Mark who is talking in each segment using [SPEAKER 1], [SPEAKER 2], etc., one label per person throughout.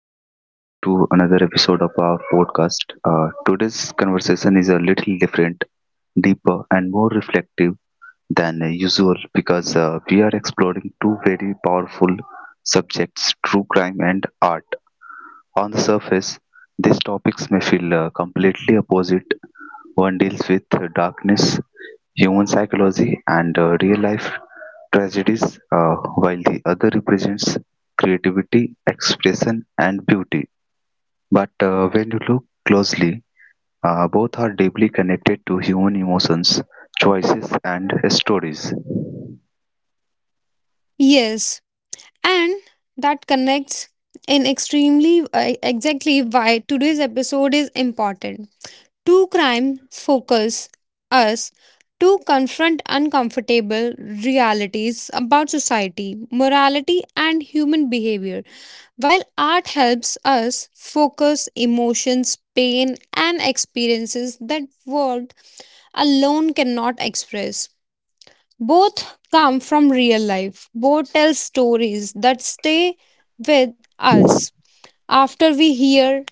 [SPEAKER 1] welcome back to another episode of our podcast. Today's conversation is a little different, deeper and more reflective than usual, because we are exploring two very powerful subjects, true crime and art. On the surface, these topics may feel completely opposite. One deals with darkness, human psychology, and real life tragedies, while the other represents creativity, expression, and beauty. But when you look closely, both are deeply connected to human emotions, choices, and stories.
[SPEAKER 2] Yes, and that connects in extremely exactly why today's episode is important. Two crimes focus us to confront uncomfortable realities about society, morality, and human behavior, while art helps us focus emotions, pain, and experiences that words alone cannot express. Both come from real life. Both tell stories that stay with us after we hear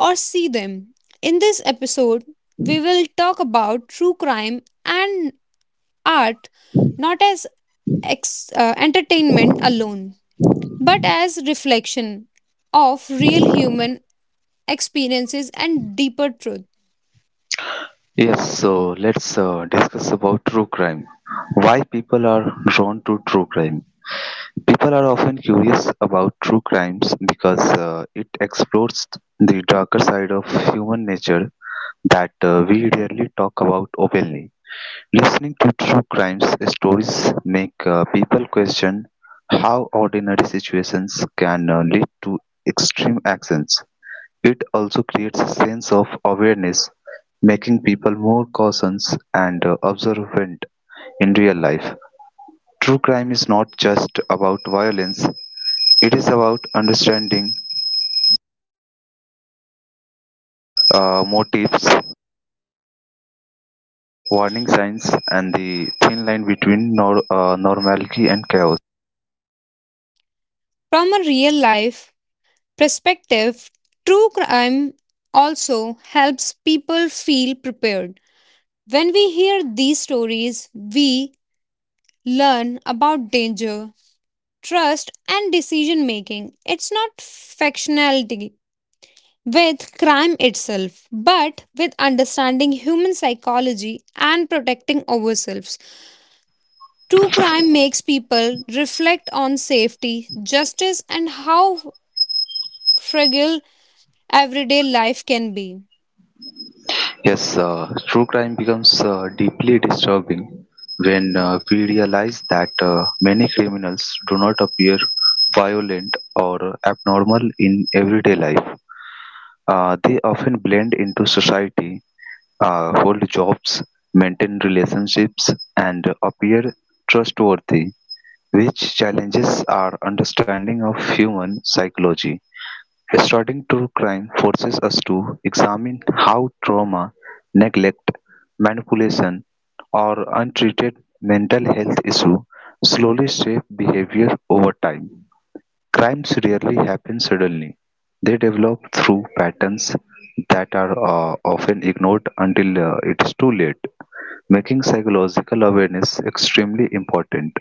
[SPEAKER 2] or see them. In this episode, we will talk about true crime and art not as entertainment alone, but as reflection of real human experiences and deeper truth.
[SPEAKER 1] Yes, so let's discuss about true crime. Why people are drawn to true crime? People are often curious about true crimes because it explores the darker side of human nature that we rarely talk about openly. Listening to true crimes stories make people question how ordinary situations can lead to extreme actions. It also creates a sense of awareness, making people more cautious and observant in real life. True crime is not just about violence, it is about understanding motives, warning signs, and the thin line between normality and chaos.
[SPEAKER 2] From a real life perspective, true crime also helps people feel prepared. When we hear these stories, we learn about danger, trust, and decision making. It's not factionality with crime itself, but with understanding human psychology and protecting ourselves. True crime makes people reflect on safety, justice, and how fragile everyday life can be.
[SPEAKER 1] Yes, true crime becomes deeply disturbing when we realize that many criminals do not appear violent or abnormal in everyday life. They often blend into society, hold jobs, maintain relationships, and appear trustworthy. Which challenges our understanding of human psychology. Studying true crime forces us to examine how trauma, neglect, manipulation, or untreated mental health issues slowly shape behavior over time. Crimes rarely happen suddenly. They develop through patterns that are often ignored until it is too late, making psychological awareness extremely important.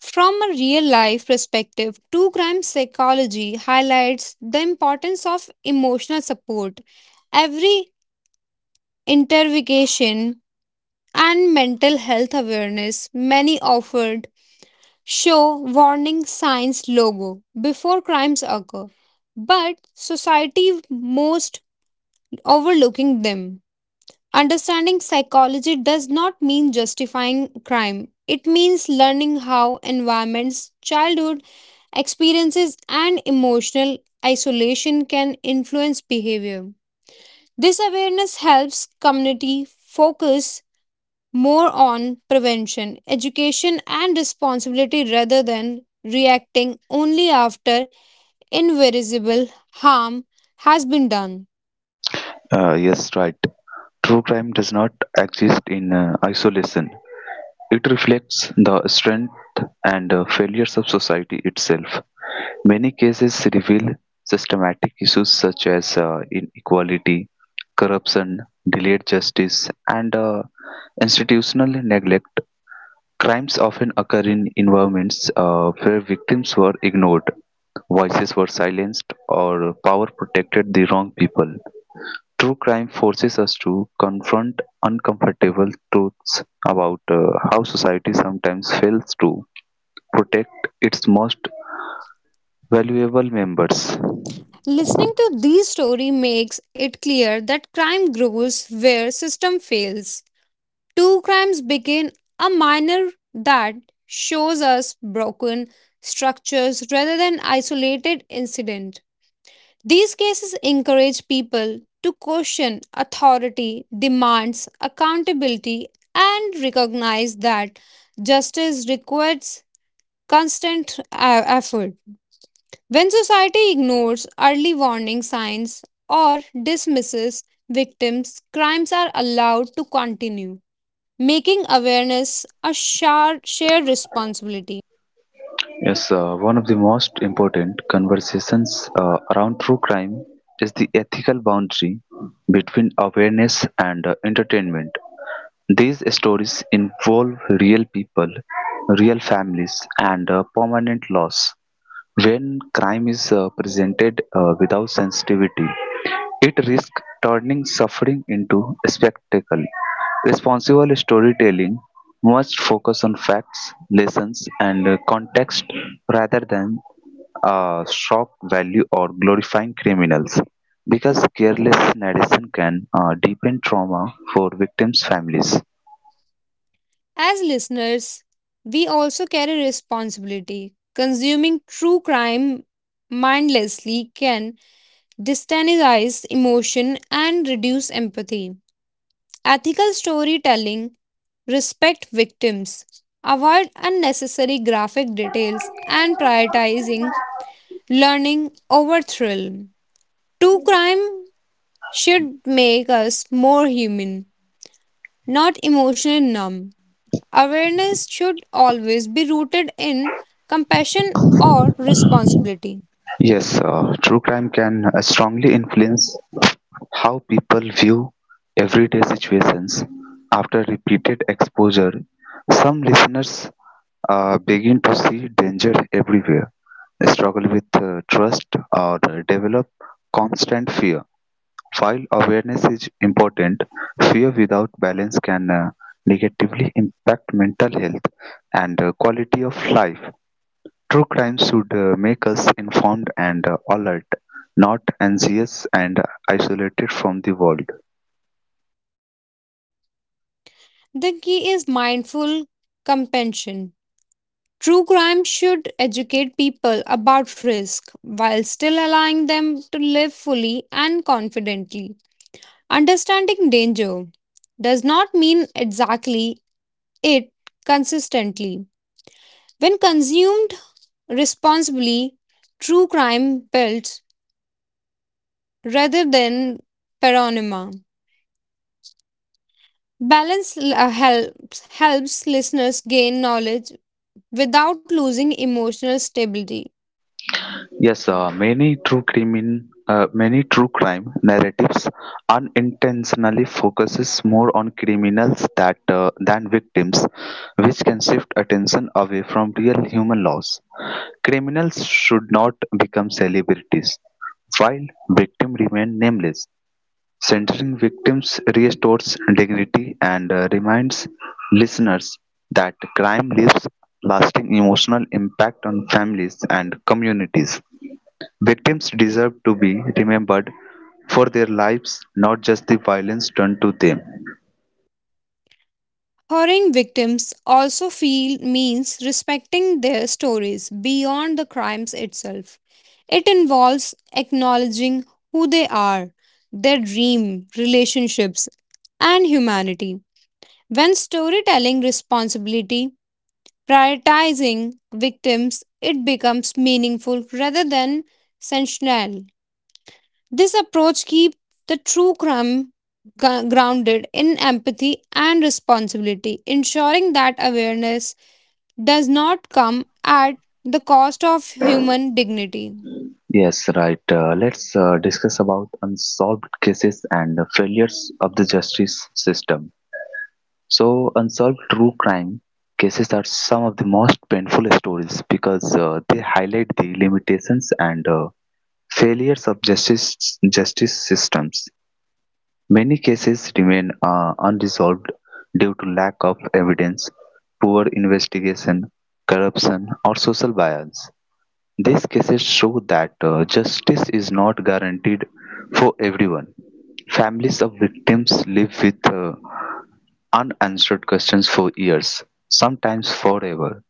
[SPEAKER 2] From a real life perspective, true crime psychology highlights the importance of emotional support. Every interrogation and mental health awareness many offered show warning signs logo before crimes occur, but society most overlooking them. Understanding psychology does not mean justifying crime. It means learning how environments, childhood experiences, and emotional isolation can influence behavior. This awareness helps community focus more on prevention, education, and responsibility rather than reacting only after irreversible harm has been done.
[SPEAKER 1] Yes, right. True crime does not exist in isolation. It reflects the strength and failures of society itself. Many cases reveal systematic issues such as inequality, corruption, delayed justice, and institutional neglect. Crimes often occur in environments where victims were ignored, voices were silenced, or power protected the wrong people. True crime forces us to confront uncomfortable truths about how society sometimes fails to protect its most valuable members.
[SPEAKER 2] Listening to these stories makes it clear that crime grows where system fails. Two crimes begin a minor that shows us broken structures rather than isolated incident. These cases encourage people to question authority, demands accountability and recognize that justice requires constant effort. When society ignores early warning signs or dismisses victims, crimes are allowed to continue, making awareness a shared responsibility.
[SPEAKER 1] Yes, one of the most important conversations around true crime is the ethical boundary between awareness and entertainment. These stories involve real people, real families, and permanent loss. When crime is presented without sensitivity, it risks turning suffering into a spectacle. Responsible storytelling must focus on facts, lessons, and context rather than shock value or glorifying criminals. Because careless narration can deepen trauma for victims' families.
[SPEAKER 2] As listeners, we also carry responsibility. Consuming true crime mindlessly can destabilize emotion and reduce empathy. Ethical storytelling, respect victims, avoid unnecessary graphic details, and prioritizing learning over thrill. True crime should make us more human, not emotionally numb. Awareness should always be rooted in compassion or responsibility.
[SPEAKER 1] Yes, true crime can strongly influence how people view everyday situations. After repeated exposure, some listeners begin to see danger everywhere, struggle with trust, or develop constant fear. While awareness is important, fear without balance can negatively impact mental health and quality of life. True crime should make us informed and alert, not anxious and isolated from the world.
[SPEAKER 2] The key is mindful compassion. True crime should educate people about risk while still allowing them to live fully and confidently. Understanding danger does not mean exactly it consistently. When consumed responsibly, true crime builds rather than panorama. Balance helps listeners gain knowledge without losing emotional stability.
[SPEAKER 1] Yes, many true crime narratives unintentionally focuses more on criminals that than victims, which can shift attention away from real human loss. Criminals should not become celebrities, while victims remain nameless. Centering victims restores dignity and reminds listeners that crime leaves lasting emotional impact on families and communities. Victims deserve to be remembered for their lives, not just the violence done to them.
[SPEAKER 2] Honoring victims also feel means respecting their stories beyond the crimes itself. It involves acknowledging who they are, their dream, relationships, and humanity. When storytelling responsibility prioritizing victims, it becomes meaningful rather than sensational. This approach keeps the true crime grounded in empathy and responsibility, ensuring that awareness does not come at the cost of human dignity.
[SPEAKER 1] Yes, right. Let's discuss about unsolved cases and the failures of the justice system. So, unsolved true crime cases are some of the most painful stories because they highlight the limitations and failures of justice systems. Many cases remain unresolved due to lack of evidence, poor investigation, corruption, or social bias. These cases show that justice is not guaranteed for everyone. Families of victims live with unanswered questions for years, sometimes forever.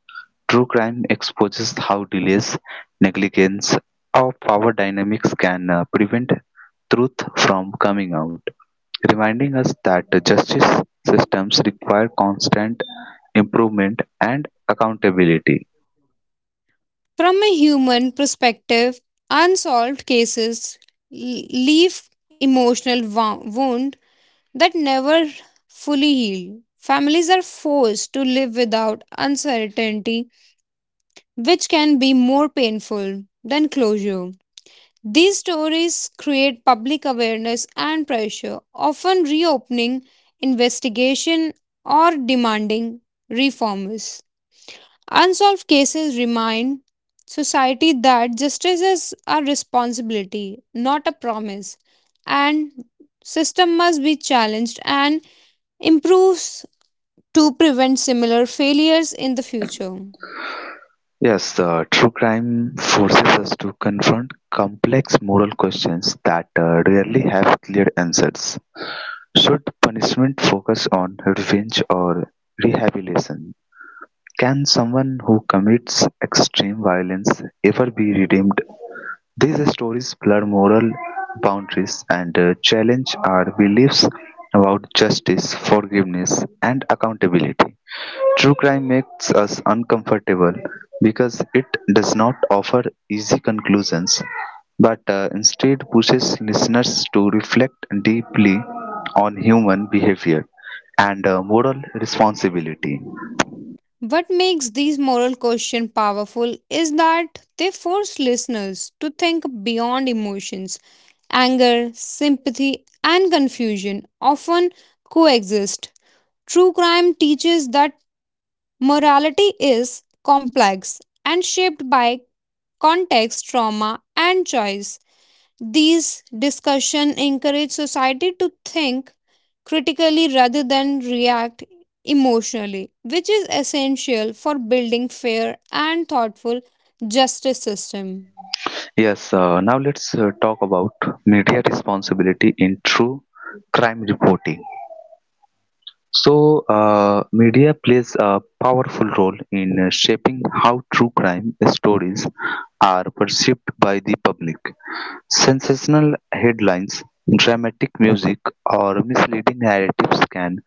[SPEAKER 1] True crime exposes how delays, negligence, or power dynamics can prevent truth from coming out, reminding us that justice systems require constant improvement and accountability.
[SPEAKER 2] From a human perspective, unsolved cases l- leave emotional wound that never fully heal. Families are forced to live without uncertainty, which can be more painful than closure. These stories create public awareness and pressure, often reopening investigation or demanding reforms. Unsolved cases remind society that justice is a responsibility, not a promise, and system must be challenged and improves to prevent similar failures in the future.
[SPEAKER 1] Yes, true crime forces us to confront complex moral questions that rarely have clear answers. Should punishment focus on revenge or rehabilitation? Can someone who commits extreme violence ever be redeemed? These stories blur moral boundaries and challenge our beliefs about justice, forgiveness, and accountability. True crime makes us uncomfortable because it does not offer easy conclusions, but instead pushes listeners to reflect deeply on human behavior and moral responsibility.
[SPEAKER 2] What makes these moral questions powerful is that they force listeners to think beyond emotions. Anger, sympathy, and confusion often coexist. True crime teaches that morality is complex and shaped by context, trauma, and choice. These discussion encourage society to think critically rather than react emotionally, which is essential for building fair and thoughtful justice system.
[SPEAKER 1] Yes, now let's talk about media responsibility in true crime reporting. So media plays a powerful role in shaping how true crime stories are perceived by the public. Sensational headlines, dramatic music, or misleading narratives can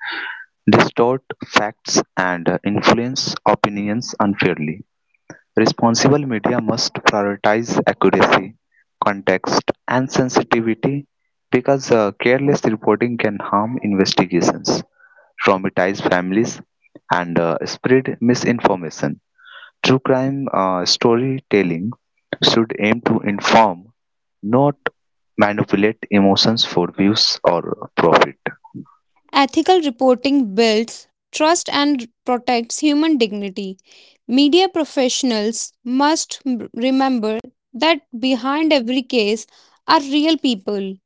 [SPEAKER 1] distort facts and influence opinions unfairly. Responsible media must prioritize accuracy, context, and sensitivity because careless reporting can harm investigations, traumatize families, and spread misinformation. True crime storytelling should aim to inform, not manipulate emotions for views or profit.
[SPEAKER 2] Ethical reporting builds trust and protects human dignity. Media professionals must remember that behind every case are real people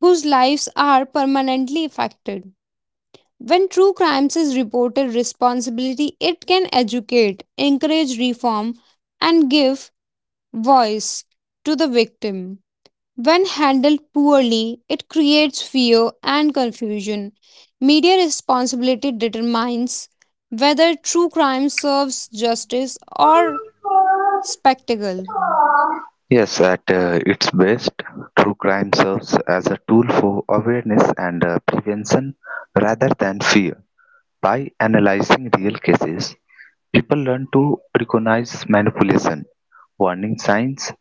[SPEAKER 2] whose lives are permanently affected. When true crimes is reported responsibility, it can educate, encourage reform, and give voice to the victim. When handled poorly, it creates fear and confusion. Media responsibility determines whether true crime serves justice or spectacle.
[SPEAKER 1] Yes, at its best, true crime serves as a tool for awareness and prevention rather than fear. By analyzing real cases, people learn to recognize manipulation, warning signs,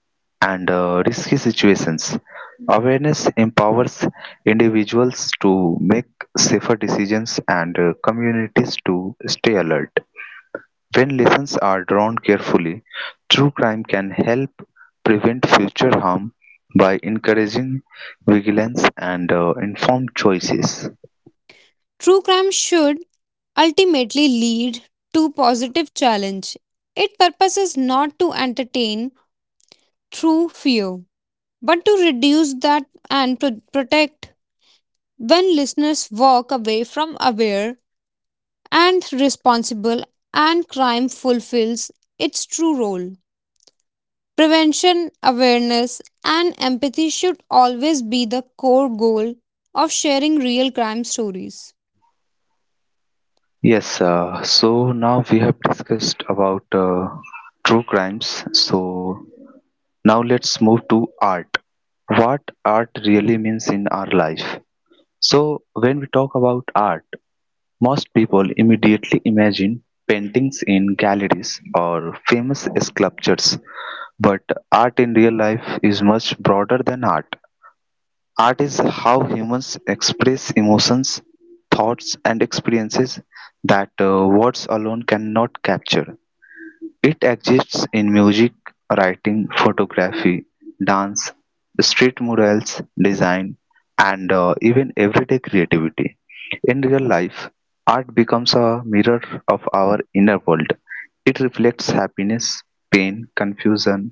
[SPEAKER 1] and risky situations. Awareness empowers individuals to make safer decisions and communities to stay alert. When lessons are drawn carefully, true crime can help prevent future harm by encouraging vigilance and informed choices.
[SPEAKER 2] True crime should ultimately lead to positive challenge. Its purpose is not to entertain through fear, but to reduce that and protect when listeners walk away from aware and responsible and crime fulfills its true role prevention awareness and empathy should always be the core goal of sharing real crime stories.
[SPEAKER 1] Yes, so now we have discussed about true crimes. So now let's move to art. What art really means in our life. So, when we talk about art, most people immediately imagine paintings in galleries or famous sculptures. But art in real life is much broader than art. Art is how humans express emotions, thoughts, and experiences that words alone cannot capture. It exists in music, writing, photography, dance, street murals, design, and even everyday creativity. In real life, art becomes a mirror of our inner world. It reflects happiness, pain, confusion,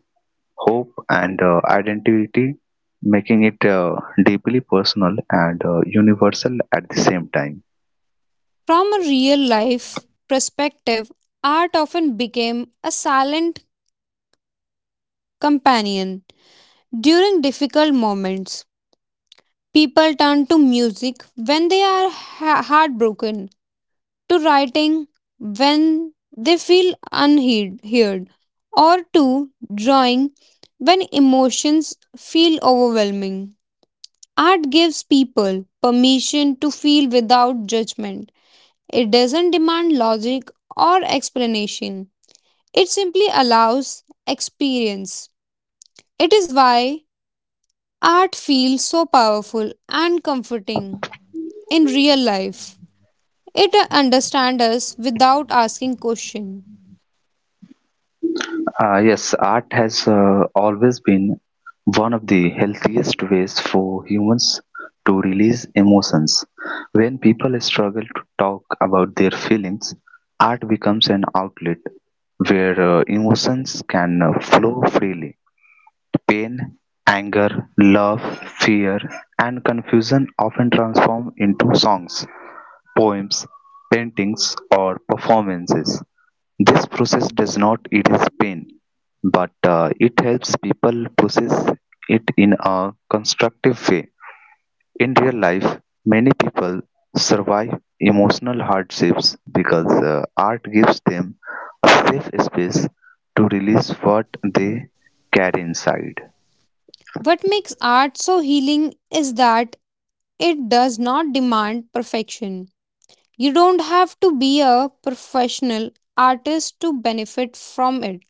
[SPEAKER 1] hope, and identity, making it deeply personal and universal at the same time.
[SPEAKER 2] From a real life perspective art often became a silent companion during difficult moments. People turn to music when they are heartbroken, to writing when they feel unheard, or to drawing when emotions feel overwhelming. Art gives people permission to feel without judgment. It doesn't demand logic or explanation, it simply allows experience. It is why art feels so powerful and comforting in real life. It understands us without asking question.
[SPEAKER 1] Yes, art has always been one of the healthiest ways for humans to release emotions. When people struggle to talk about their feelings, art becomes an outlet where emotions can flow freely. Pain, anger, love, fear, and confusion often transform into songs, poems, paintings, or performances. This process does not erase pain, but it helps people process it in a constructive way. In real life, many people survive emotional hardships because art gives them a safe space to release what they carry inside.
[SPEAKER 2] What makes art so healing is that it does not demand perfection. You don't have to be a professional artist to benefit from it.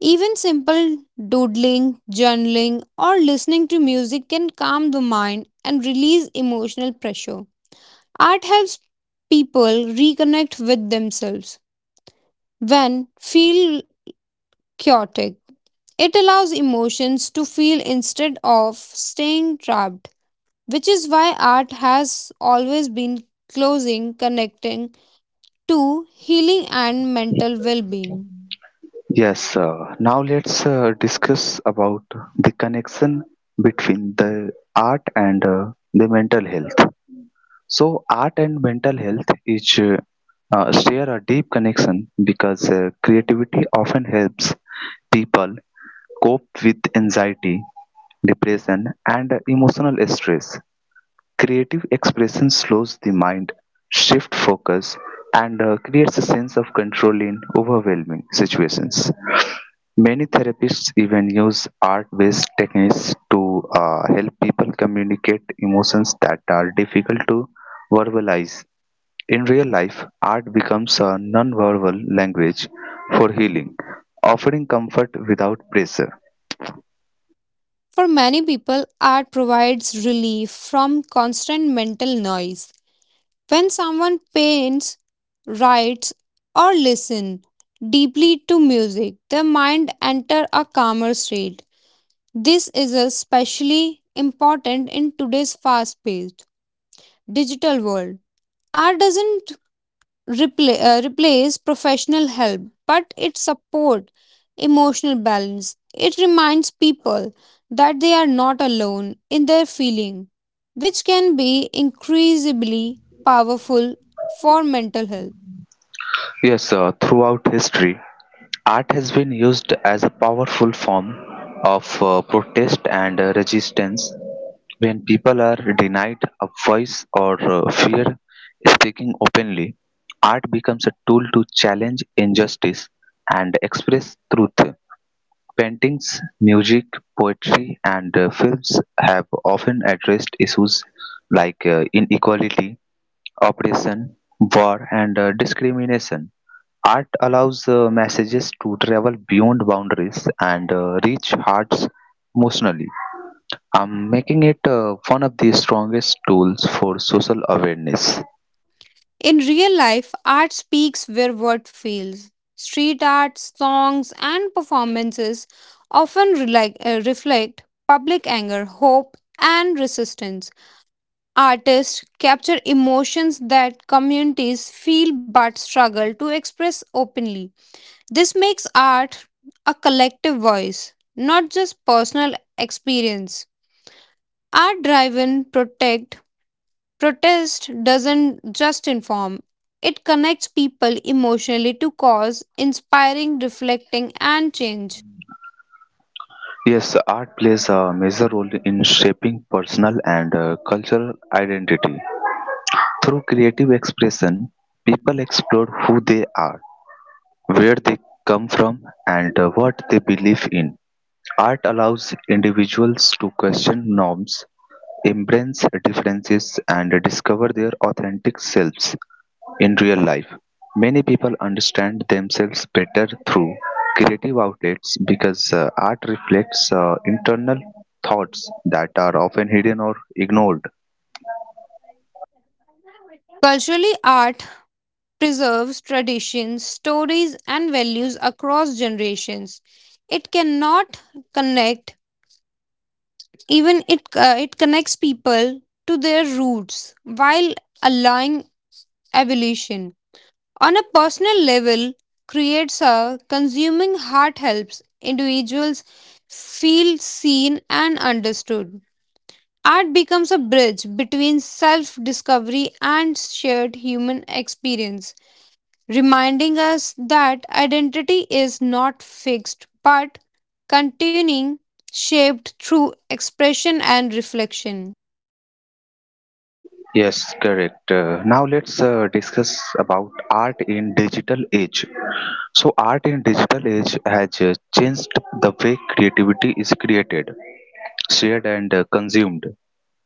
[SPEAKER 2] Even simple doodling, journaling, or listening to music can calm the mind and release emotional pressure. Art helps people reconnect with themselves when feel chaotic. It allows emotions to feel instead of staying trapped, which is why art has always been closing, connecting to healing and mental well being.
[SPEAKER 1] Yes, now let's discuss about the connection between the art and the mental health. So art and mental health each share a deep connection because creativity often helps people cope with anxiety, depression, and emotional stress. Creative expression slows the mind, shift focus, and creates a sense of control in overwhelming situations. Many therapists even use art-based techniques to help people communicate emotions that are difficult to verbalize. In real life, art becomes a non-verbal language for healing, offering comfort without pressure.
[SPEAKER 2] For many people, art provides relief from constant mental noise. When someone paints, writes, or listens deeply to music, their mind enters a calmer state. This is especially important in today's fast paced digital world. Art doesn't repla replace professional help, but it supports emotional balance. It reminds people that they are not alone in their feeling, which can be increasingly powerful for mental health.
[SPEAKER 1] Yes, throughout history, art has been used as a powerful form of protest and resistance when people are denied a voice or fear speaking openly. Art becomes a tool to challenge injustice and express truth. Paintings, music, poetry, and films have often addressed issues like inequality, oppression, war, and discrimination. Art allows messages to travel beyond boundaries and reach hearts emotionally, making it one of the strongest tools for social awareness.
[SPEAKER 2] In real life, art speaks where word fails. Street art, songs, and performances often reflect public anger, hope, and resistance. Artists capture emotions that communities feel but struggle to express openly. This makes art a collective voice, not just personal experience. Art driven protect protest doesn't just inform. It connects people emotionally to cause, inspiring, reflecting, and change.
[SPEAKER 1] Yes, art plays a major role in shaping personal and cultural identity. Through creative expression, people explore who they are, where they come from, and what they believe in. Art allows individuals to question norms, embrace differences, and discover their authentic selves in real life. Many people understand themselves better through creative outlets because art reflects internal thoughts that are often hidden or ignored.
[SPEAKER 2] Culturally, art preserves traditions, stories, and values across generations. It cannot connect, even it, it connects people to their roots while allowing evolution. On a personal level, creates a consuming heart helps individuals feel seen and understood. Art becomes a bridge between self discovery and shared human experience, reminding us that identity is not fixed but continuing, shaped through expression and reflection.
[SPEAKER 1] Yes, correct. Now let's discuss about art in digital age. So art in digital age has changed the way creativity is created, shared and consumed.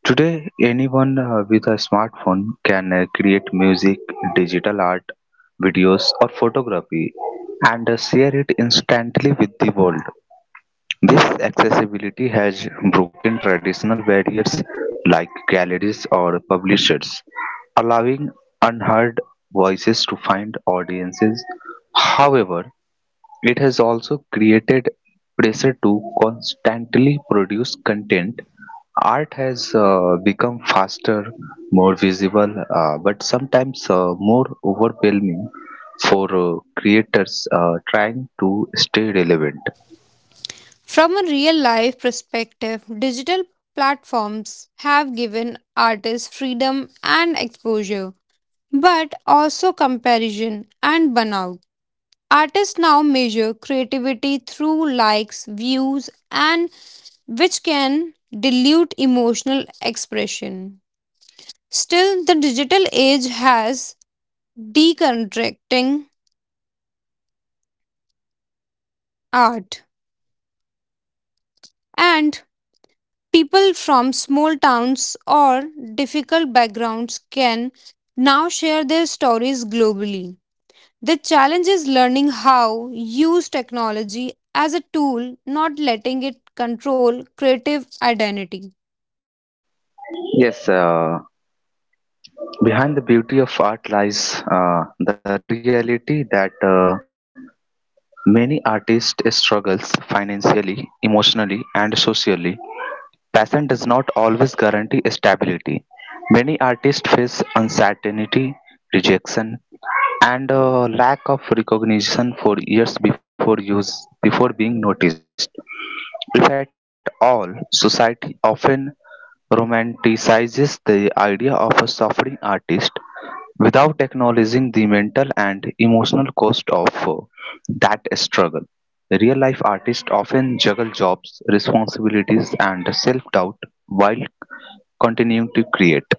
[SPEAKER 1] Today, anyone with a smartphone can create music, digital art, videos or photography and share it instantly with the world. This accessibility has broken traditional barriers like galleries or publishers, allowing unheard voices to find audiences. However, it has also created pressure to constantly produce content. Art has become faster, more visible, but sometimes more overwhelming for creators trying to stay relevant.
[SPEAKER 2] From a real life perspective, digital platforms have given artists freedom and exposure, but also comparison and burnout. Artists now measure creativity through likes, views, and which can dilute emotional expression. Still, the digital age has deconstructing art, and people from small towns or difficult backgrounds can now share their stories globally. The challenge is learning how use technology as a tool, not letting it control creative identity.
[SPEAKER 1] Yes, behind the beauty of art lies the reality that many artists struggles financially, emotionally, and socially. Passion does not always guarantee stability. Many artists face uncertainty, rejection, and lack of recognition for years before being noticed. If at all, society often romanticizes the idea of a suffering artist without acknowledging the mental and emotional cost of that struggle. Real life artists often juggle jobs, responsibilities, and self doubt while continuing to create.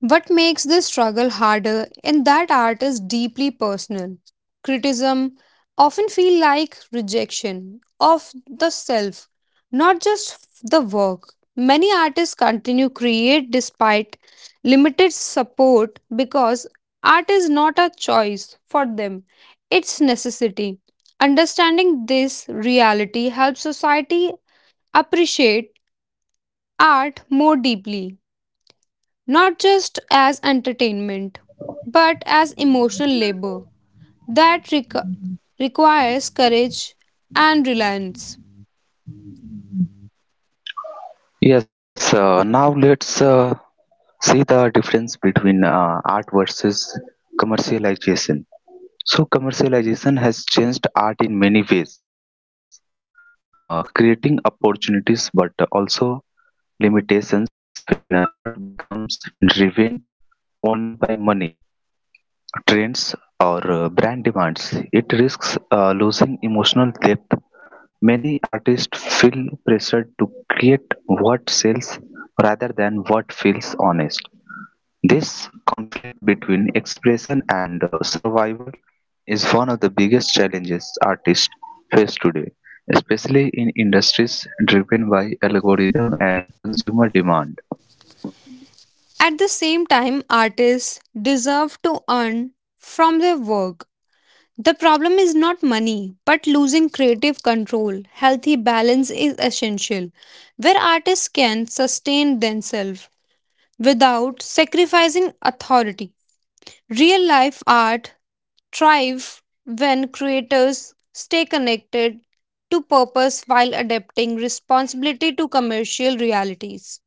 [SPEAKER 2] What makes this struggle harder in that art is deeply personal. Criticism often feel like rejection of the self, not just the work. Many artists continue create despite limited support because art is not a choice for them, it's necessity. Understanding this reality helps society appreciate art more deeply not just as entertainment, but as emotional labor that requires courage and reliance.
[SPEAKER 1] Yes, now let's see the difference between art versus commercialization. So, commercialization has changed art in many ways, creating opportunities but also limitations. When art becomes driven only by money, trends or brand demands, it risks losing emotional depth. Many artists feel pressured to create what sells rather than what feels honest. This conflict between expression and survival is one of the biggest challenges artists face today, especially in industries driven by algorithm and consumer demand.
[SPEAKER 2] At the same time, artists deserve to earn from their work. The problem is not money, but losing creative control. Healthy balance is essential, where artists can sustain themselves without sacrificing authority. Real life art thrive when creators stay connected to purpose while adapting responsibility to commercial realities.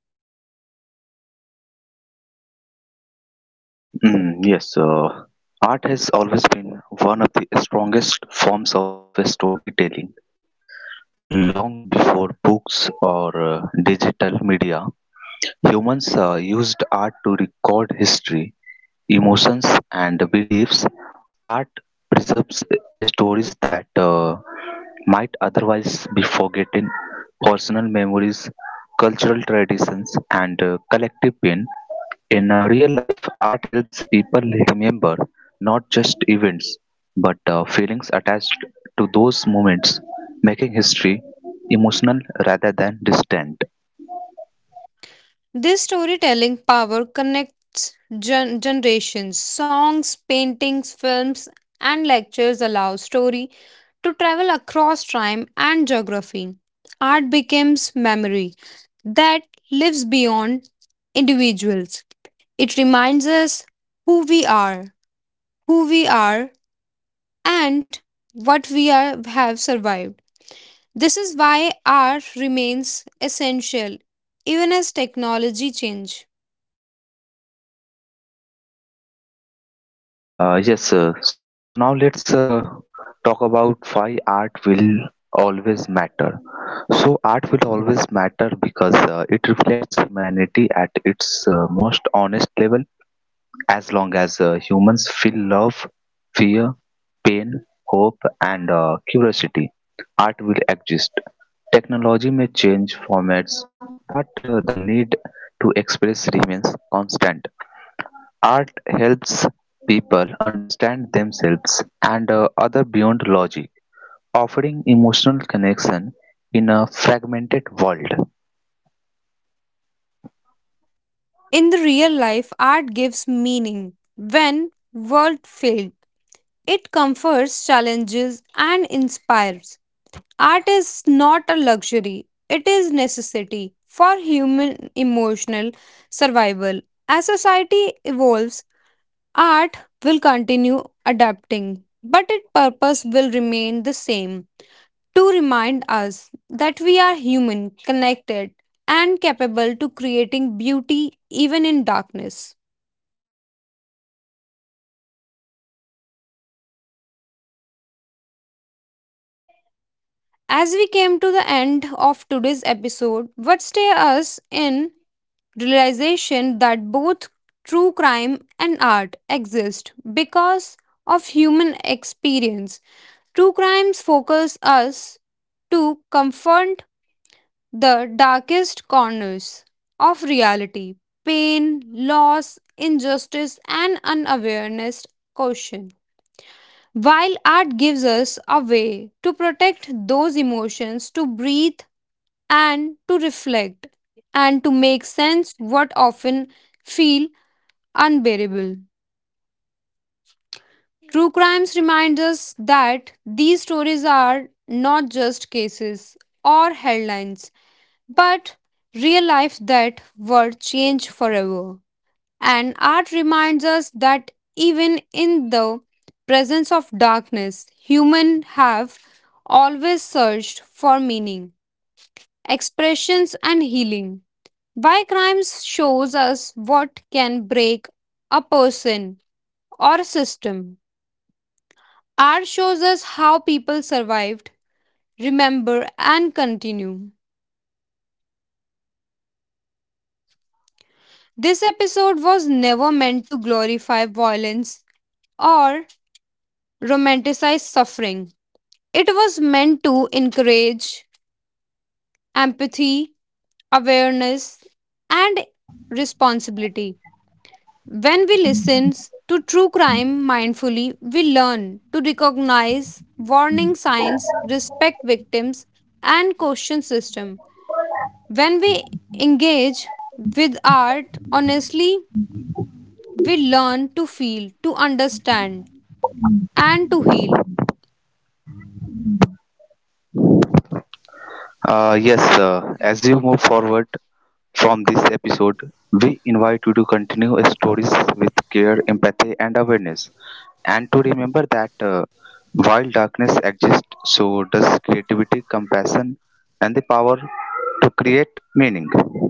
[SPEAKER 1] Mm, yes, art has always been one of the strongest forms of storytelling long before books or digital media. Humans used art to record history, emotions, and beliefs. Art preserves stories that might otherwise be forgotten, personal memories, cultural traditions, and collective pain. In real life, art helps people remember not just events but feelings attached to those moments, making history emotional rather than distant.
[SPEAKER 2] This storytelling power connects generations. Songs, paintings, films, and lectures allow story to travel across time and geography. Art becomes memory that lives beyond individuals. It reminds us who we are, who we are and what we are, have survived. This is why art remains essential even as technology change.
[SPEAKER 1] Yes, sir. So now let's talk about why art will always matter. So art will always matter because it reflects humanity at its most honest level. As long as humans feel love, fear, pain, hope, and curiosity, art will exist. Technology may change formats, but the need to express remains constant. Art helps people understand themselves and other beyond logic, offering emotional connection in a fragmented world.
[SPEAKER 2] In the real life, art gives meaning. When world failed, it comforts, challenges, and inspires. Art is not a luxury; it is necessity for human emotional survival. As society evolves, art will continue adapting, but its purpose will remain the same to remind us that we are human, connected, and capable to creating beauty even in darkness.
[SPEAKER 1] Yes, you are right. So, as we come to the
[SPEAKER 2] As
[SPEAKER 1] end
[SPEAKER 2] we
[SPEAKER 1] of
[SPEAKER 2] came to the
[SPEAKER 1] today's
[SPEAKER 2] end of today's
[SPEAKER 1] episode,
[SPEAKER 2] episode, what stay us in realization that both true crime and art exist because of human experience. True crimes focus us to confront the darkest corners of reality pain, loss, injustice, and unawareness caution. While art gives us a way to protect those emotions, to breathe and to reflect, and to make sense what often feel unbearable. True crimes reminds us that these stories are not just cases or headlines but real life that were changed forever. And art reminds us that even in the presence of darkness, humans have always searched for meaning, expressions, and healing. Why crimes shows us what can break a person or a system. Art shows us how people survived, remember, and continue.
[SPEAKER 1] yes, this episode
[SPEAKER 2] This
[SPEAKER 1] was
[SPEAKER 2] episode was
[SPEAKER 1] meant to
[SPEAKER 2] never meant to
[SPEAKER 1] encourage.
[SPEAKER 2] glorify violence or romanticize suffering. It was meant to encourage empathy, awareness, and responsibility. When we listen to true crime mindfully, we learn to recognize warning signs, respect victims, and question system. When we engage with art honestly, we learn to feel, to understand, and to heal.
[SPEAKER 1] Yes, as you move forward from this episode, we invite you to continue stories with care, empathy, and awareness, and to remember that while darkness exists, so does creativity, compassion, and the power to create meaning.